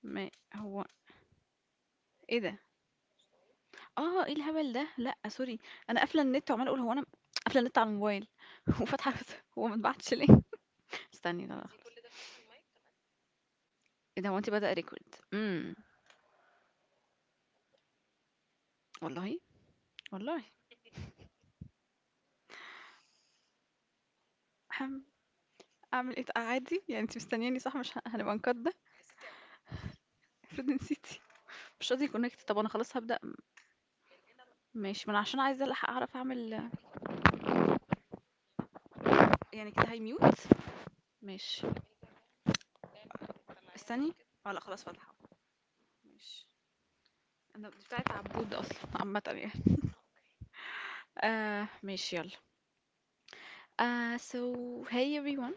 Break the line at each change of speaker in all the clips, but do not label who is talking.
ما هو إيه ده؟ آه، إيه الهبل ده؟ لأ سوري، أنا قافلة النت وعمّالة أقول هو أنا قافلة النت على الموبايل وفاتحة الواتس هو ما اتبعتش ليه؟ استني لا، لا خلاص إيه ده هو أنتِ بدأ record إمم، والله! والله! هاعم أعمل إيه ط عادي؟ يعني أنتِ مستنياني صح مش ه هنبقى نقدّ؟ ده؟ افرض نسيتِ مش راضي يconnect طب أنا خلاص هابدأ ماشي ما أنا عشان عايزة ألحق أعرف أعمل يعني كده هيmute ماشي استني آه لأ خلاص فاتحة ماشي أنا دي بتاعة عبود أصلًا عامةً يعني ماشي يلا. So hey everyone,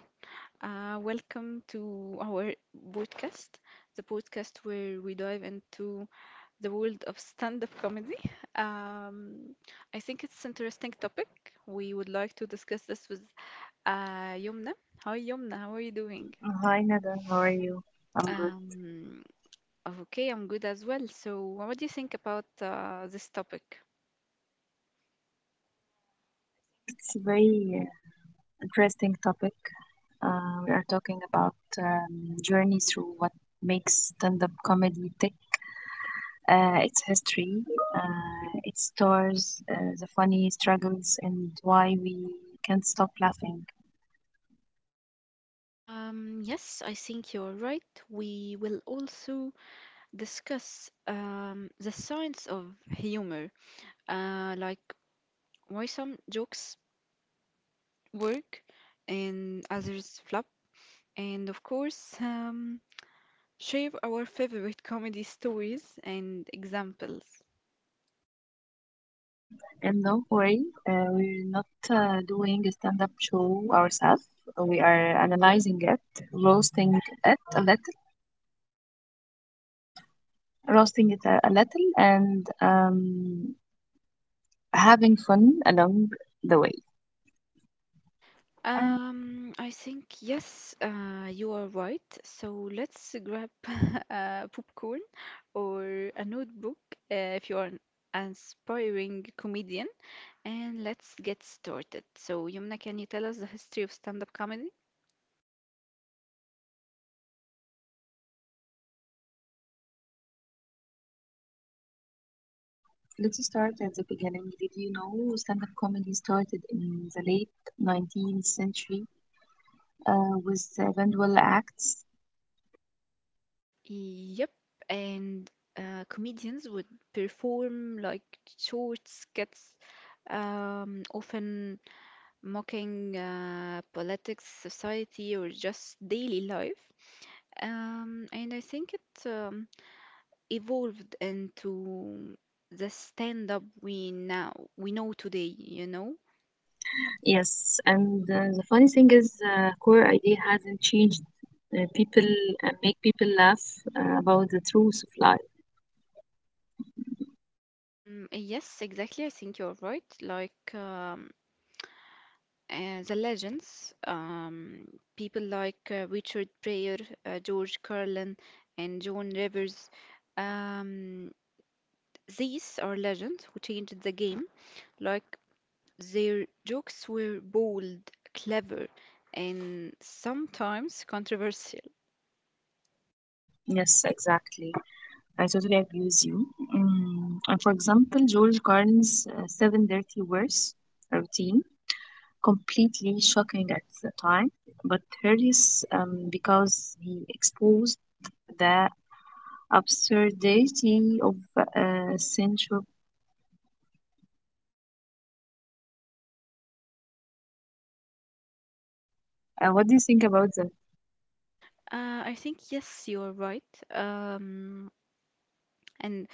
welcome to our podcast, the podcast where we dive into the world of stand-up comedy. Um, I think it's interesting topic. We would like to discuss this with Yumna. Hi Yomna. How are you doing?
Hi Nada, how are you? I'm good.
Um, okay, I'm good as well. So what do you think about this topic?
I think it's a very interesting topic. We are talking about journey through what makes stand-up comedy tick. Its history, its stores the funny struggles, and why we can't stop laughing.
Yes, I think you're right. We will also discuss the science of humor, like why some jokes work and others flop, and of course, share our favorite comedy stories and examples.
And don't worry, we're not doing a stand-up show ourselves. We are analyzing it, roasting it a little, roasting it a little, and Having fun along the way.
I think yes, you are right. So let's grab popcorn or a notebook if you are an aspiring comedian. And let's get started. So, Yumna, can you tell us the history of stand-up comedy?
Let's start at the beginning. Did you know stand-up comedy started in the late 19th century with vaudeville acts?
Yep. And comedians would perform like short skits, often mocking politics, society, or just daily life. And I think it evolved into the stand-up we now we know today, you know?
Yes, and the funny thing is, core idea hasn't changed. People make people laugh about the truth of life.
Mm, yes, exactly. I think you're right. Like, the legends, people like Richard Pryor, George Carlin, and John Rivers, um, these are legends who changed the game. Like their jokes were bold, clever, and sometimes controversial.
Yes, exactly. I totally agree with you. Mm, and for example, George Carlin's Seven Dirty Words routine, completely shocking at the time, but hilarious because he exposed the absurdity of censure. What do you think about that?
I think yes, you are right. And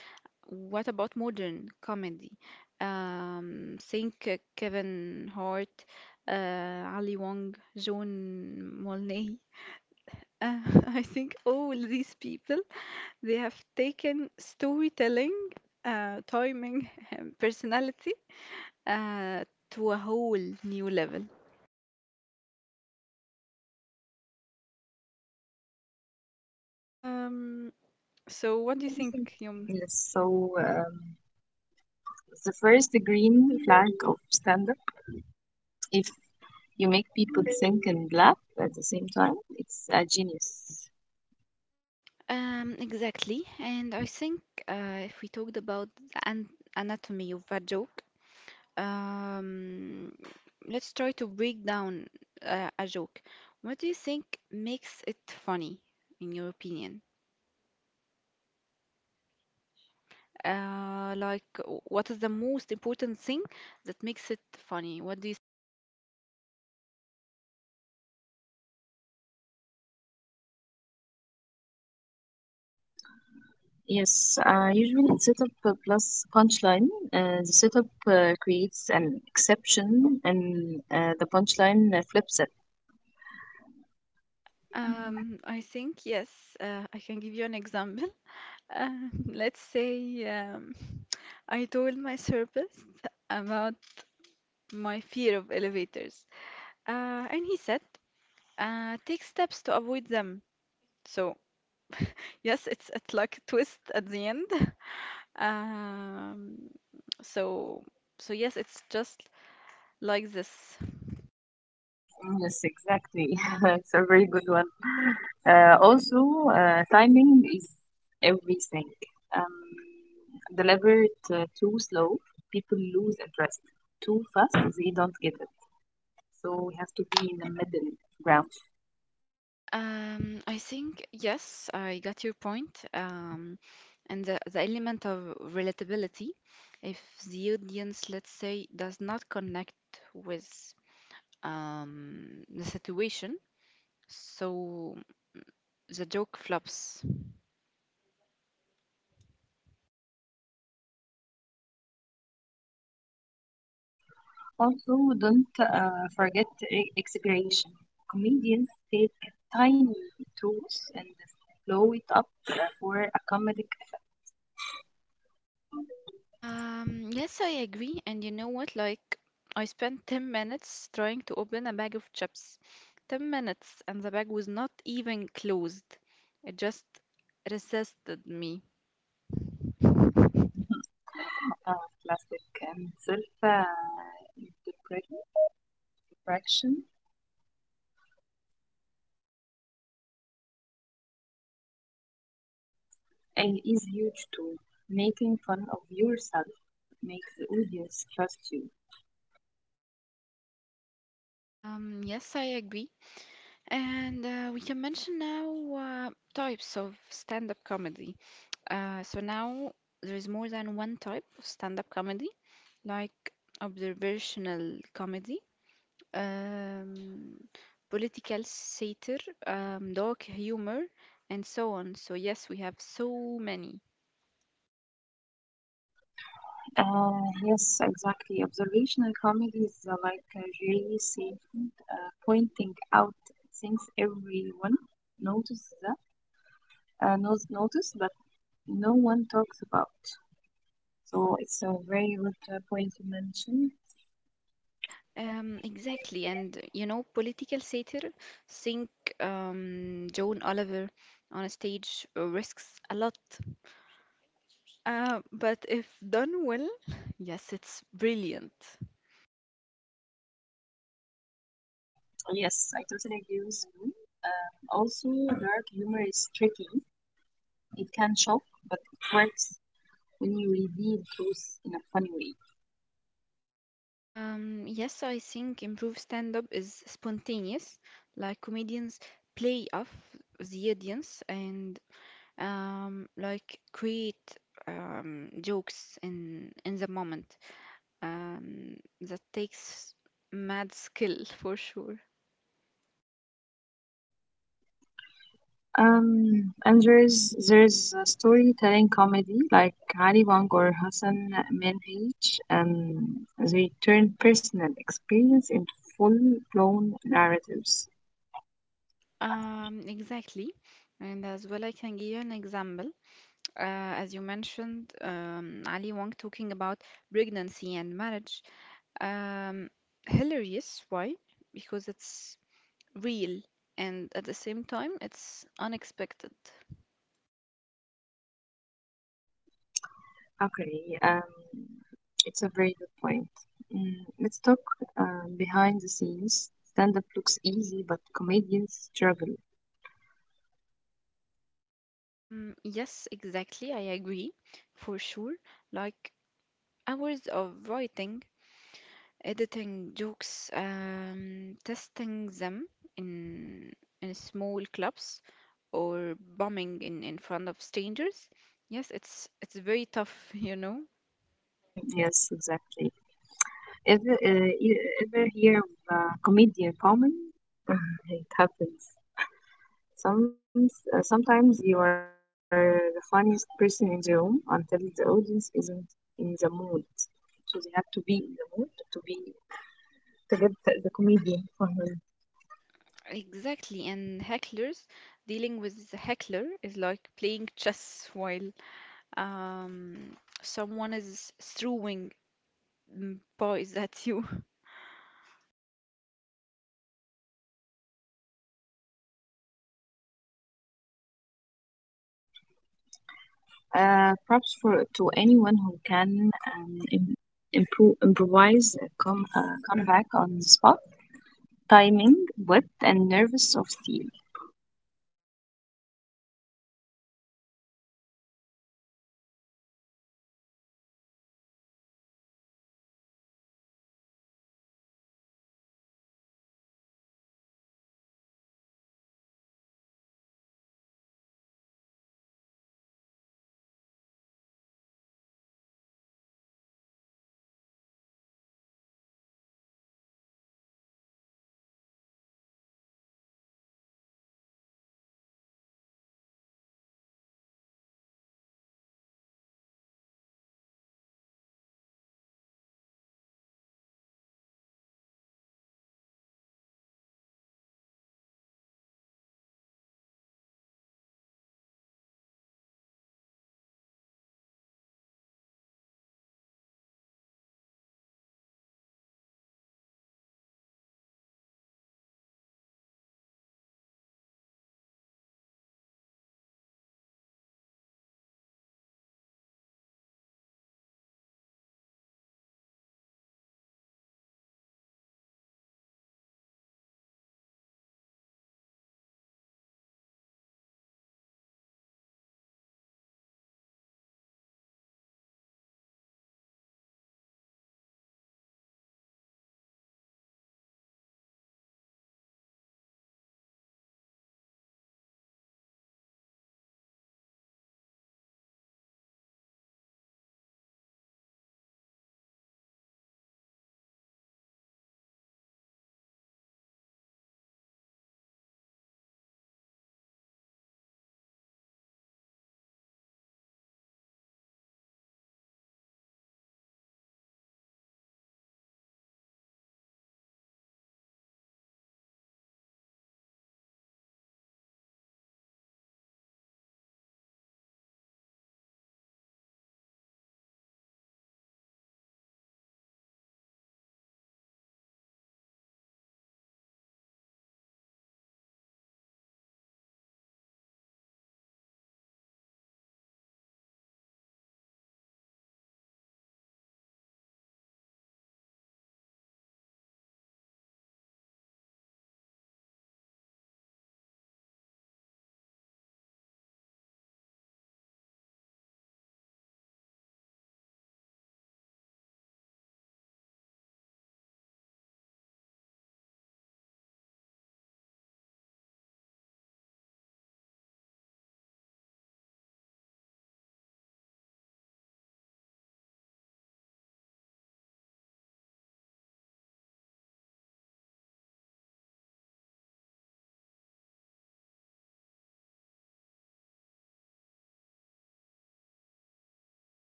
what about modern comedy? Think Kevin Hart, uh, Ali Wong, John Mullaney. Uh, I think all these people they have taken storytelling, timing, and personality uh, to a whole new level. Um, so what do you
What do you think?
think, Yum?
Yes, so the first green flag of stand-up, if you make people think and laugh at the same time, it's a genius.
Exactly. And I think if we talked about the an anatomy of a joke. Um, let's try to break down a joke. What do you think makes it funny, in your opinion? Like, what is the most important thing that makes it funny? What do you—
Yes, usually in setup plus punchline, the setup creates an exception and the punchline flips it.
I think yes, I can give you an example. Let's say I told my therapist about my fear of elevators, and he said, take steps to avoid them. So yes, it's like a twist at the end. Um, so so yes, it's just like this.
Yes, exactly. It's a very good one. Also, timing is everything. Deliver it too slow, people lose interest. Too fast, they don't get it. So we have to be in the middle ground.
I think yes, I got your point. And the element of relatability, if the audience, let's say, does not connect with the situation, so the joke flops.
Also, don't forget expiration. Comedians take tiny truths and blow it up for a comedic effect.
Yes, I agree. And you know what? Like, I spent 10 minutes trying to open a bag of chips. 10 minutes, and the bag was not even closed. It just resisted me.
Uh, Plastic and self interaction is huge too. Making fun of yourself makes the audience trust you.
Yes, I agree. And we can mention now types of stand-up comedy. So now there is more than one type of stand-up comedy, like observational comedy, um, political satire, dark humor, and so on. So, yes, we have so many.
Uh, yes, exactly. Observational comedy is like Jerry Seinfeld pointing out things everyone notices knows notice, but no one talks about. So it's a very good point you mentioned.
Exactly. And, you know, political satire, think Joan Oliver on a stage risks a lot. But if done well, yes, it's brilliant.
Yeah. Yes, I totally agree with you. Also, dark humor is tricky. It can shock, but it works when you reveal truth in a funny way.
Yes, I think improved stand-up is spontaneous, like comedians play off the audience and like create jokes in the moment. Um, that takes mad skill for sure.
And there's a storytelling comedy like Ali Wong or Hassan Minhaj. They turn personal experience into full-blown narratives.
Exactly. And as well, I can give you an example. As you mentioned, Ali Wong talking about pregnancy and marriage. Um, Hilarious. Why? Because it's real and at the same time, it's unexpected.
Okay, it's a very good point. Mm, let's talk behind the scenes. Stand up looks easy, but comedians struggle.
Yes, exactly. I agree for sure. Like hours of writing, editing jokes, testing them in in small clubs or bombing in front of strangers. Yes, it's very tough, you know.
Mhm. Yes, exactly. Ever hear of a comedian comment? It happens. Sometimes you are the funniest person in the room until the audience isn't in the mood. So they have to be in the mood to be to get the comedian for her.
Exactly, and hecklers, dealing with the heckler is like playing chess while um, someone is throwing pies at you.
Props for to anyone who can improvise, a come back on the spot, timing, wit, and nervous of steel.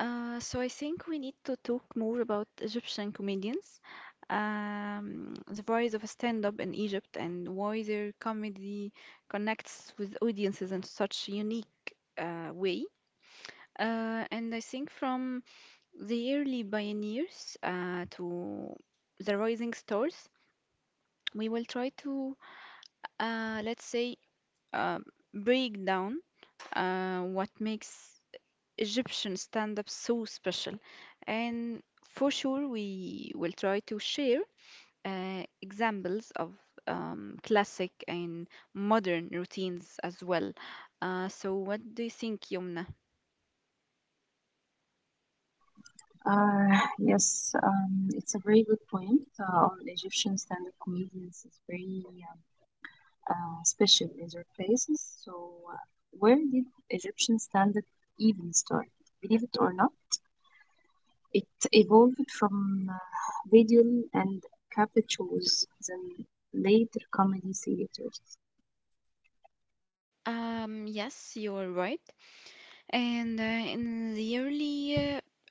So I think we need to talk more about Egyptian comedians, the rise of stand-up in Egypt, and why their comedy connects with audiences in such a unique way. And I think from the early pioneers to the rising stars, we will try to, let's say, uh, break down what makes Egyptian stand-up so special. And for sure, we will try to share examples of classic and modern routines as well. Uh, so,
Yes, it's a very good point. On Egyptian stand-up comedians is very uh, special in their places. So, uh, where did Egyptian stand-up even start? Believe it or not. It evolved from vaudeville and cabaret shows, then later comedy theaters.
yes, you're right. And in the early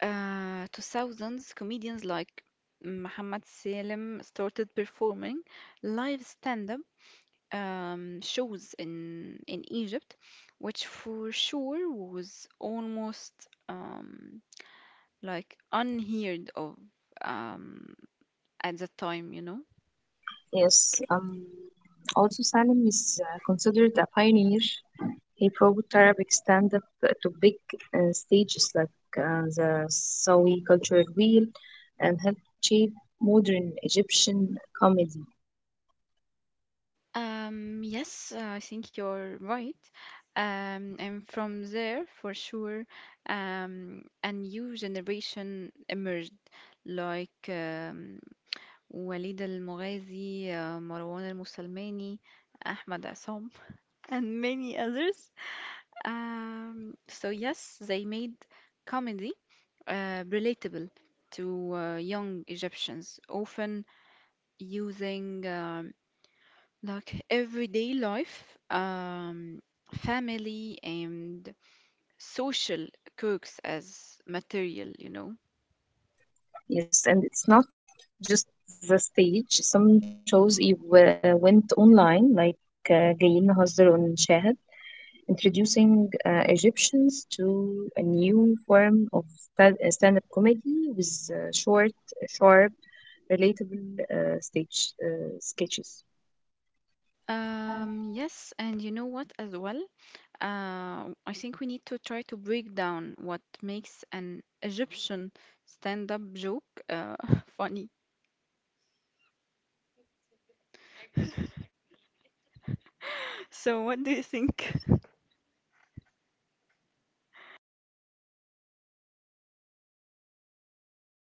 2000s, comedians like Muhammad Salem started performing live stand-up shows in Egypt, which for sure was almost like unheard of um, at that time, you know.
Yes, also Salim is considered a pioneer. He brought Arabic stand-up to big stages like the Sawi Cultural Wheel and helped shape modern Egyptian comedy.
Yes, I think you're right. And from there, for sure, a new generation emerged, like Walid al-Mughazzi, Marwan al Mussalmani, Ahmad Assam, and many others. So yes, they made comedy relatable to young Egyptians, often using like everyday life, family, and social quirks as material, you know.
Yes, and it's not just the stage. Some shows you went online, like جايين نهزر on introducing Egyptians to a new form of stand-up comedy with short, sharp, relatable stage sketches.
Yes, and you know what as well? I think we need to try to break down what makes an Egyptian stand-up joke funny. So, what do you think?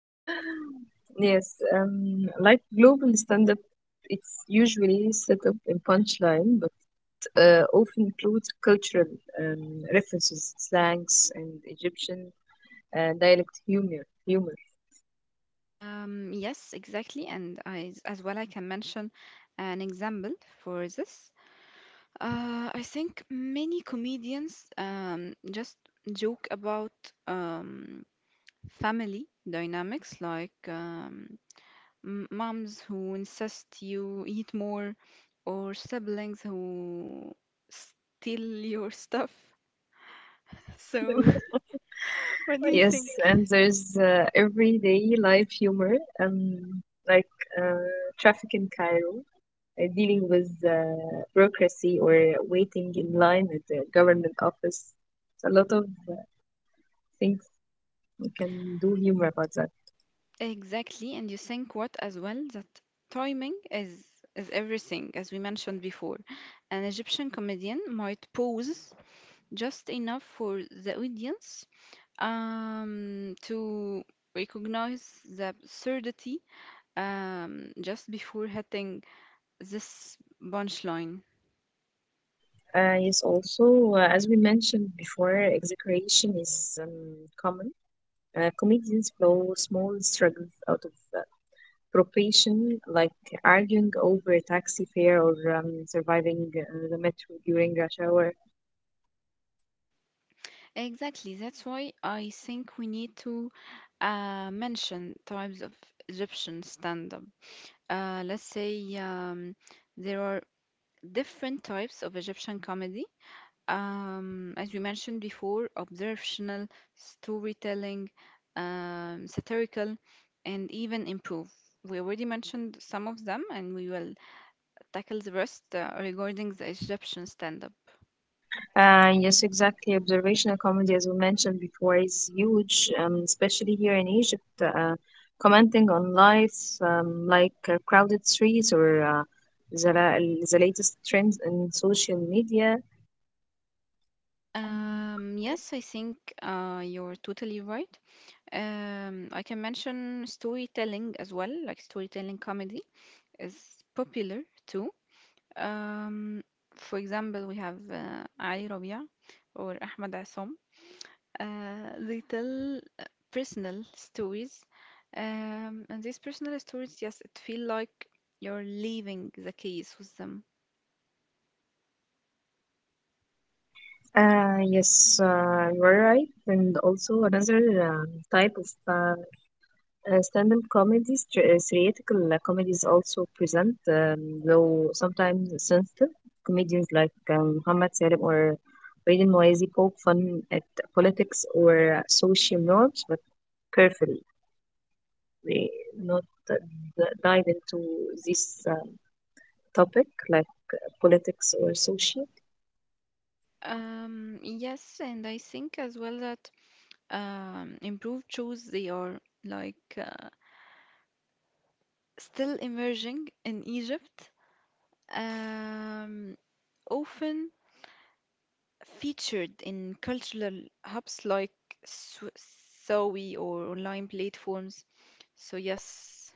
Yes, like global stand-up, it's usually set up in punchline, but often includes cultural references, slangs, and Egyptian dialect humor. Humor.
Yes, exactly. And I, as well, I can mention an example for this. I think many comedians just joke about um, family dynamics, like moms who insist you eat more, or siblings who steal your stuff. So, what do you
Yes,
think?
and there's everyday life humor, um, like uh, traffic in Cairo, dealing with bureaucracy or waiting in line at the government office. It's a lot of things you can do humor about that.
Exactly, and you think what as well that timing is everything, as we mentioned before. An Egyptian comedian might pose just enough for the audience to recognize the absurdity just before hitting this punchline.
Yes, also, as we mentioned before, exaggeration is common. Comedians blow small struggles out of profession, like arguing over taxi fare or surviving the metro during rush hour.
Exactly, that's why I think we need to mention types of Egyptian stand-up. Let's say there are different types of Egyptian comedy. As we mentioned before, observational, storytelling, satirical, and even improv. We already mentioned some of them, and we will tackle the rest regarding the Egyptian stand-up.
Yes, exactly. Observational comedy, as we mentioned before, is huge, especially here in Egypt. Commenting on life, like crowded streets or the, la- the latest trends in social media. Um,
Yes, I think you're totally right. I can mention storytelling as well, like storytelling comedy is popular too. Um, for example, we have Ali Rabia or Ahmed Assam. They tell personal stories, and these personal stories, yes, it feel like you're leaving the case with them.
yes, you are right. And also another type of stand-up comedies, theatrical comedies also present, though sometimes sensitive, comedians like Muhammad Salim or Raiden Moazi poke fun at politics or social norms, but carefully. They not uh, dive into this topic like politics or social.
Yes, and I think as well that improved shows they are like still emerging in Egypt. Um, Often featured in cultural hubs like Sw- Sawi or online platforms. So yes,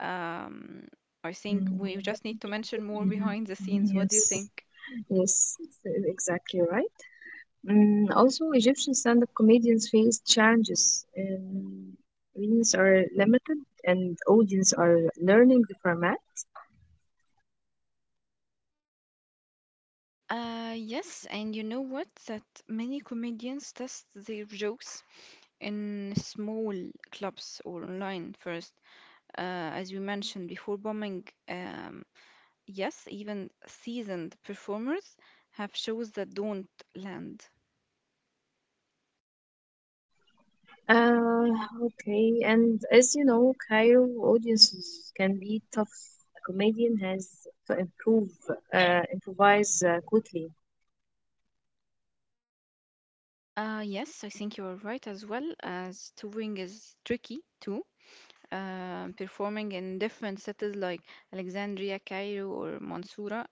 um, I think
Mhm.
we just need to mention more
Mhm.
behind the scenes. What do
Yes,
you think?
yes, exactly right. Mm, also, Egyptian stand-up comedians face challenges. Reels are limited, and audience are learning the format.
Yes, and you know what? That many comedians test their jokes in small clubs or online first, uh, as we mentioned before bombing. Um, yes, even seasoned performers have shows that don't land.
Uh, okay, and as you know, Cairo audiences can be tough. A comedian has to improvise quickly.
Yes, I think you are right as well, as touring is tricky too. Performing in different cities like Alexandria, Cairo, or Mansoura,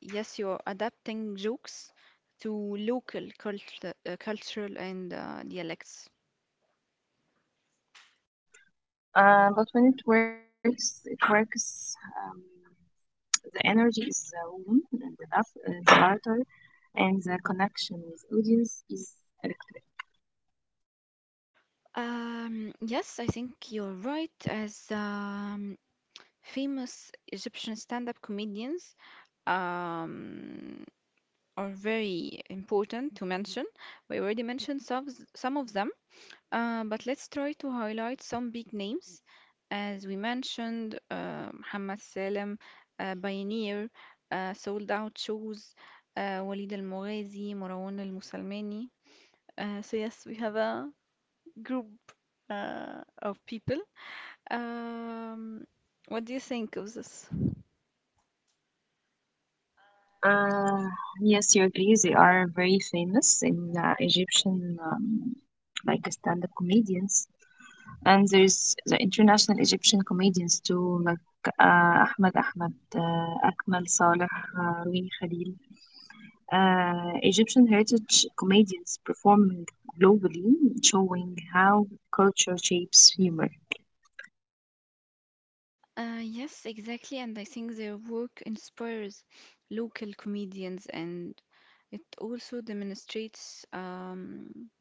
yes, you're adapting jokes to local cultural and dialects.
But when it works, it works. The energy is warm, and the laughter, and the connection with audience is electric.
Yes, I think you're right, as famous Egyptian stand-up comedians um, are very important to mention. We already mentioned some of them. But let's try to highlight some big names. As we mentioned, Mohammed Salem, Pioneer, sold out shows, Walid Al-Mughazzi, Marwan al musalmani. So yes, we have a group of people. Um, what do you think of this?
Uh, yes, you agree. They are very famous in Egyptian, like stand-up comedians, and there's the international Egyptian comedians too, like Ahmed Ahmed, Akmal Saleh, Rouini Khalil. Egyptian heritage comedians performing globally, showing how culture shapes humor.
Yes, exactly, and I think their work inspires local comedians and it also demonstrates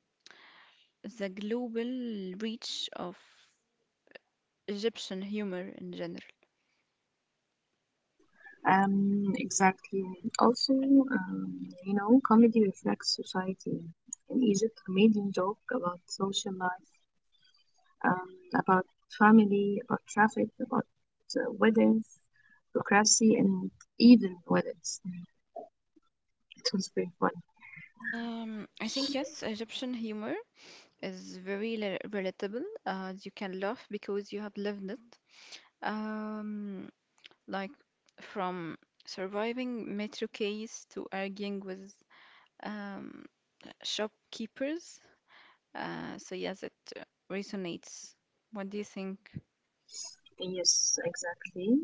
the global reach of Egyptian humor in general.
Exactly. Also, you know, comedy reflects society. In Egypt, comedians joke about social life, um, about family, about traffic, about weddings, bureaucracy, and even weddings. It was very funny.
I think yes, Egyptian humor is very relatable. You can laugh because you have lived it. Um, like from surviving metro case to arguing with um, shopkeepers. So yes, it resonates. What do you think?
Yes, exactly.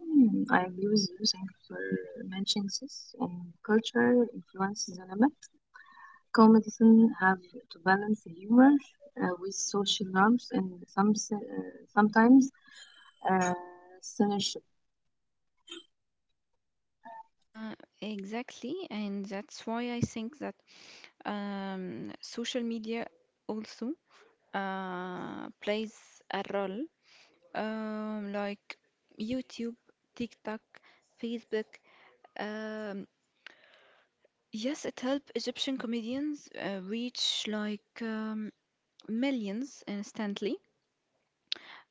I agree with you. Thank you for mentioning this. And culture influences cinema. Comedies have to balance humor with social norms and sometimes uh, censorship.
Uh, exactly, and that's why I think that social media also plays a role, like YouTube, TikTok, Facebook. Um, yes, it helped Egyptian comedians reach like millions instantly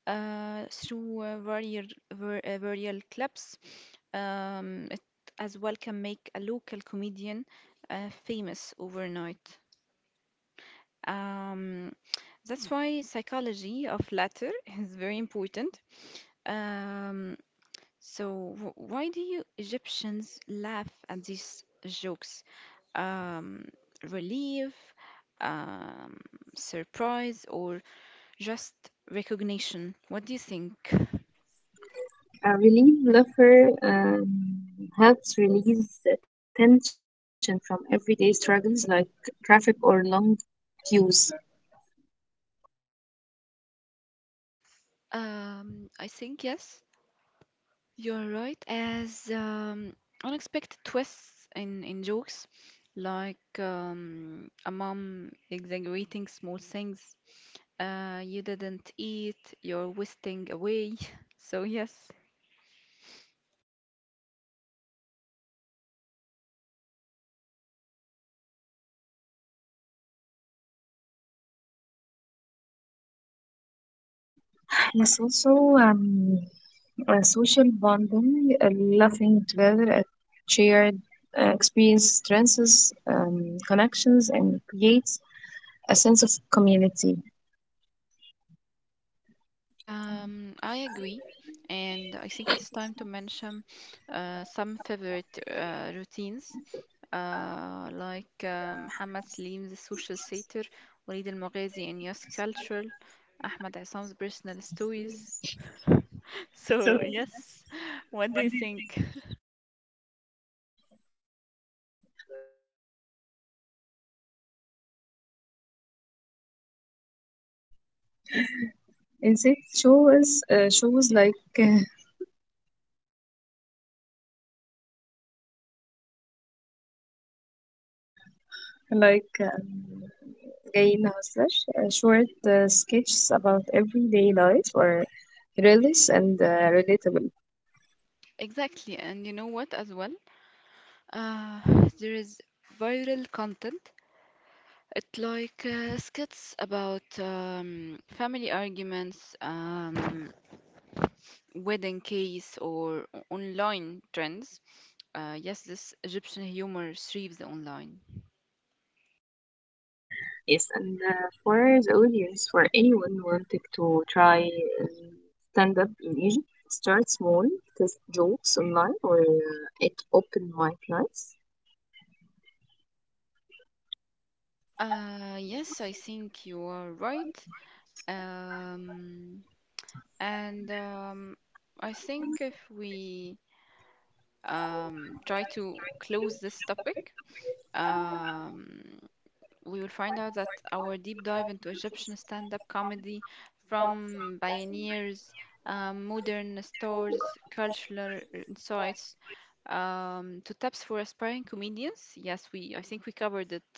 through viral clips. It as well can make a local comedian famous overnight. Um, that's why psychology of latter is very important. Um, so why do you Egyptians laugh at these jokes? Um, Relief, um, surprise, or just recognition? What do you think?
A relief laugher helps release tension from everyday struggles like traffic or long queues.
I think yes. You're right, as unexpected twists in jokes, like a mom exaggerating small things, you didn't eat, you're wasting away. So, yes,
Yes, also social bonding, laughing together at shared experience strengthens connections and creates a sense of community.
I agree. And I think it's time to mention some favorite routines, like Hamad Salim's social theater, Walid Al Maghazi in Youth Culture, Ahmed Issam's personal stories. So, yes,
So,
what do you think?
when do you think? Insect show is shows like like um, جاي نهزر short sketches about everyday life or religious and relatable.
Exactly, and you know what as well? Uh, there is viral content. It like skits about family arguments, wedding case, or online trends. Yes, this Egyptian humor thrives online.
Yes, and for the audience, for anyone wanting to try stand up in Egypt, start small, test jokes online or at open mic nights.
Yes, I think you are right. Um, and I think if we try to close this topic. Um, we will find out that our deep dive into Egyptian stand-up comedy from pioneers, modern stars, cultural insights, to tips for aspiring comedians. Yes, we I think we covered it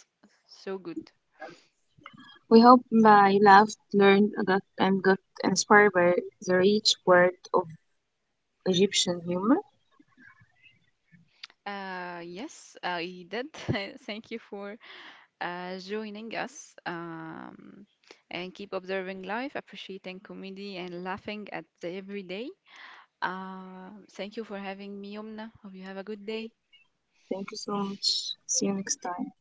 so good.
We hope by laughed, learned, got, and got inspired by the rich world of Egyptian humor.
Yes, I did. Thank you for joining us and keep observing life, appreciating comedy, and laughing at the everyday. Thank you for having me, Yomna. Hope you have a good day.
Thank you so much. See you next time.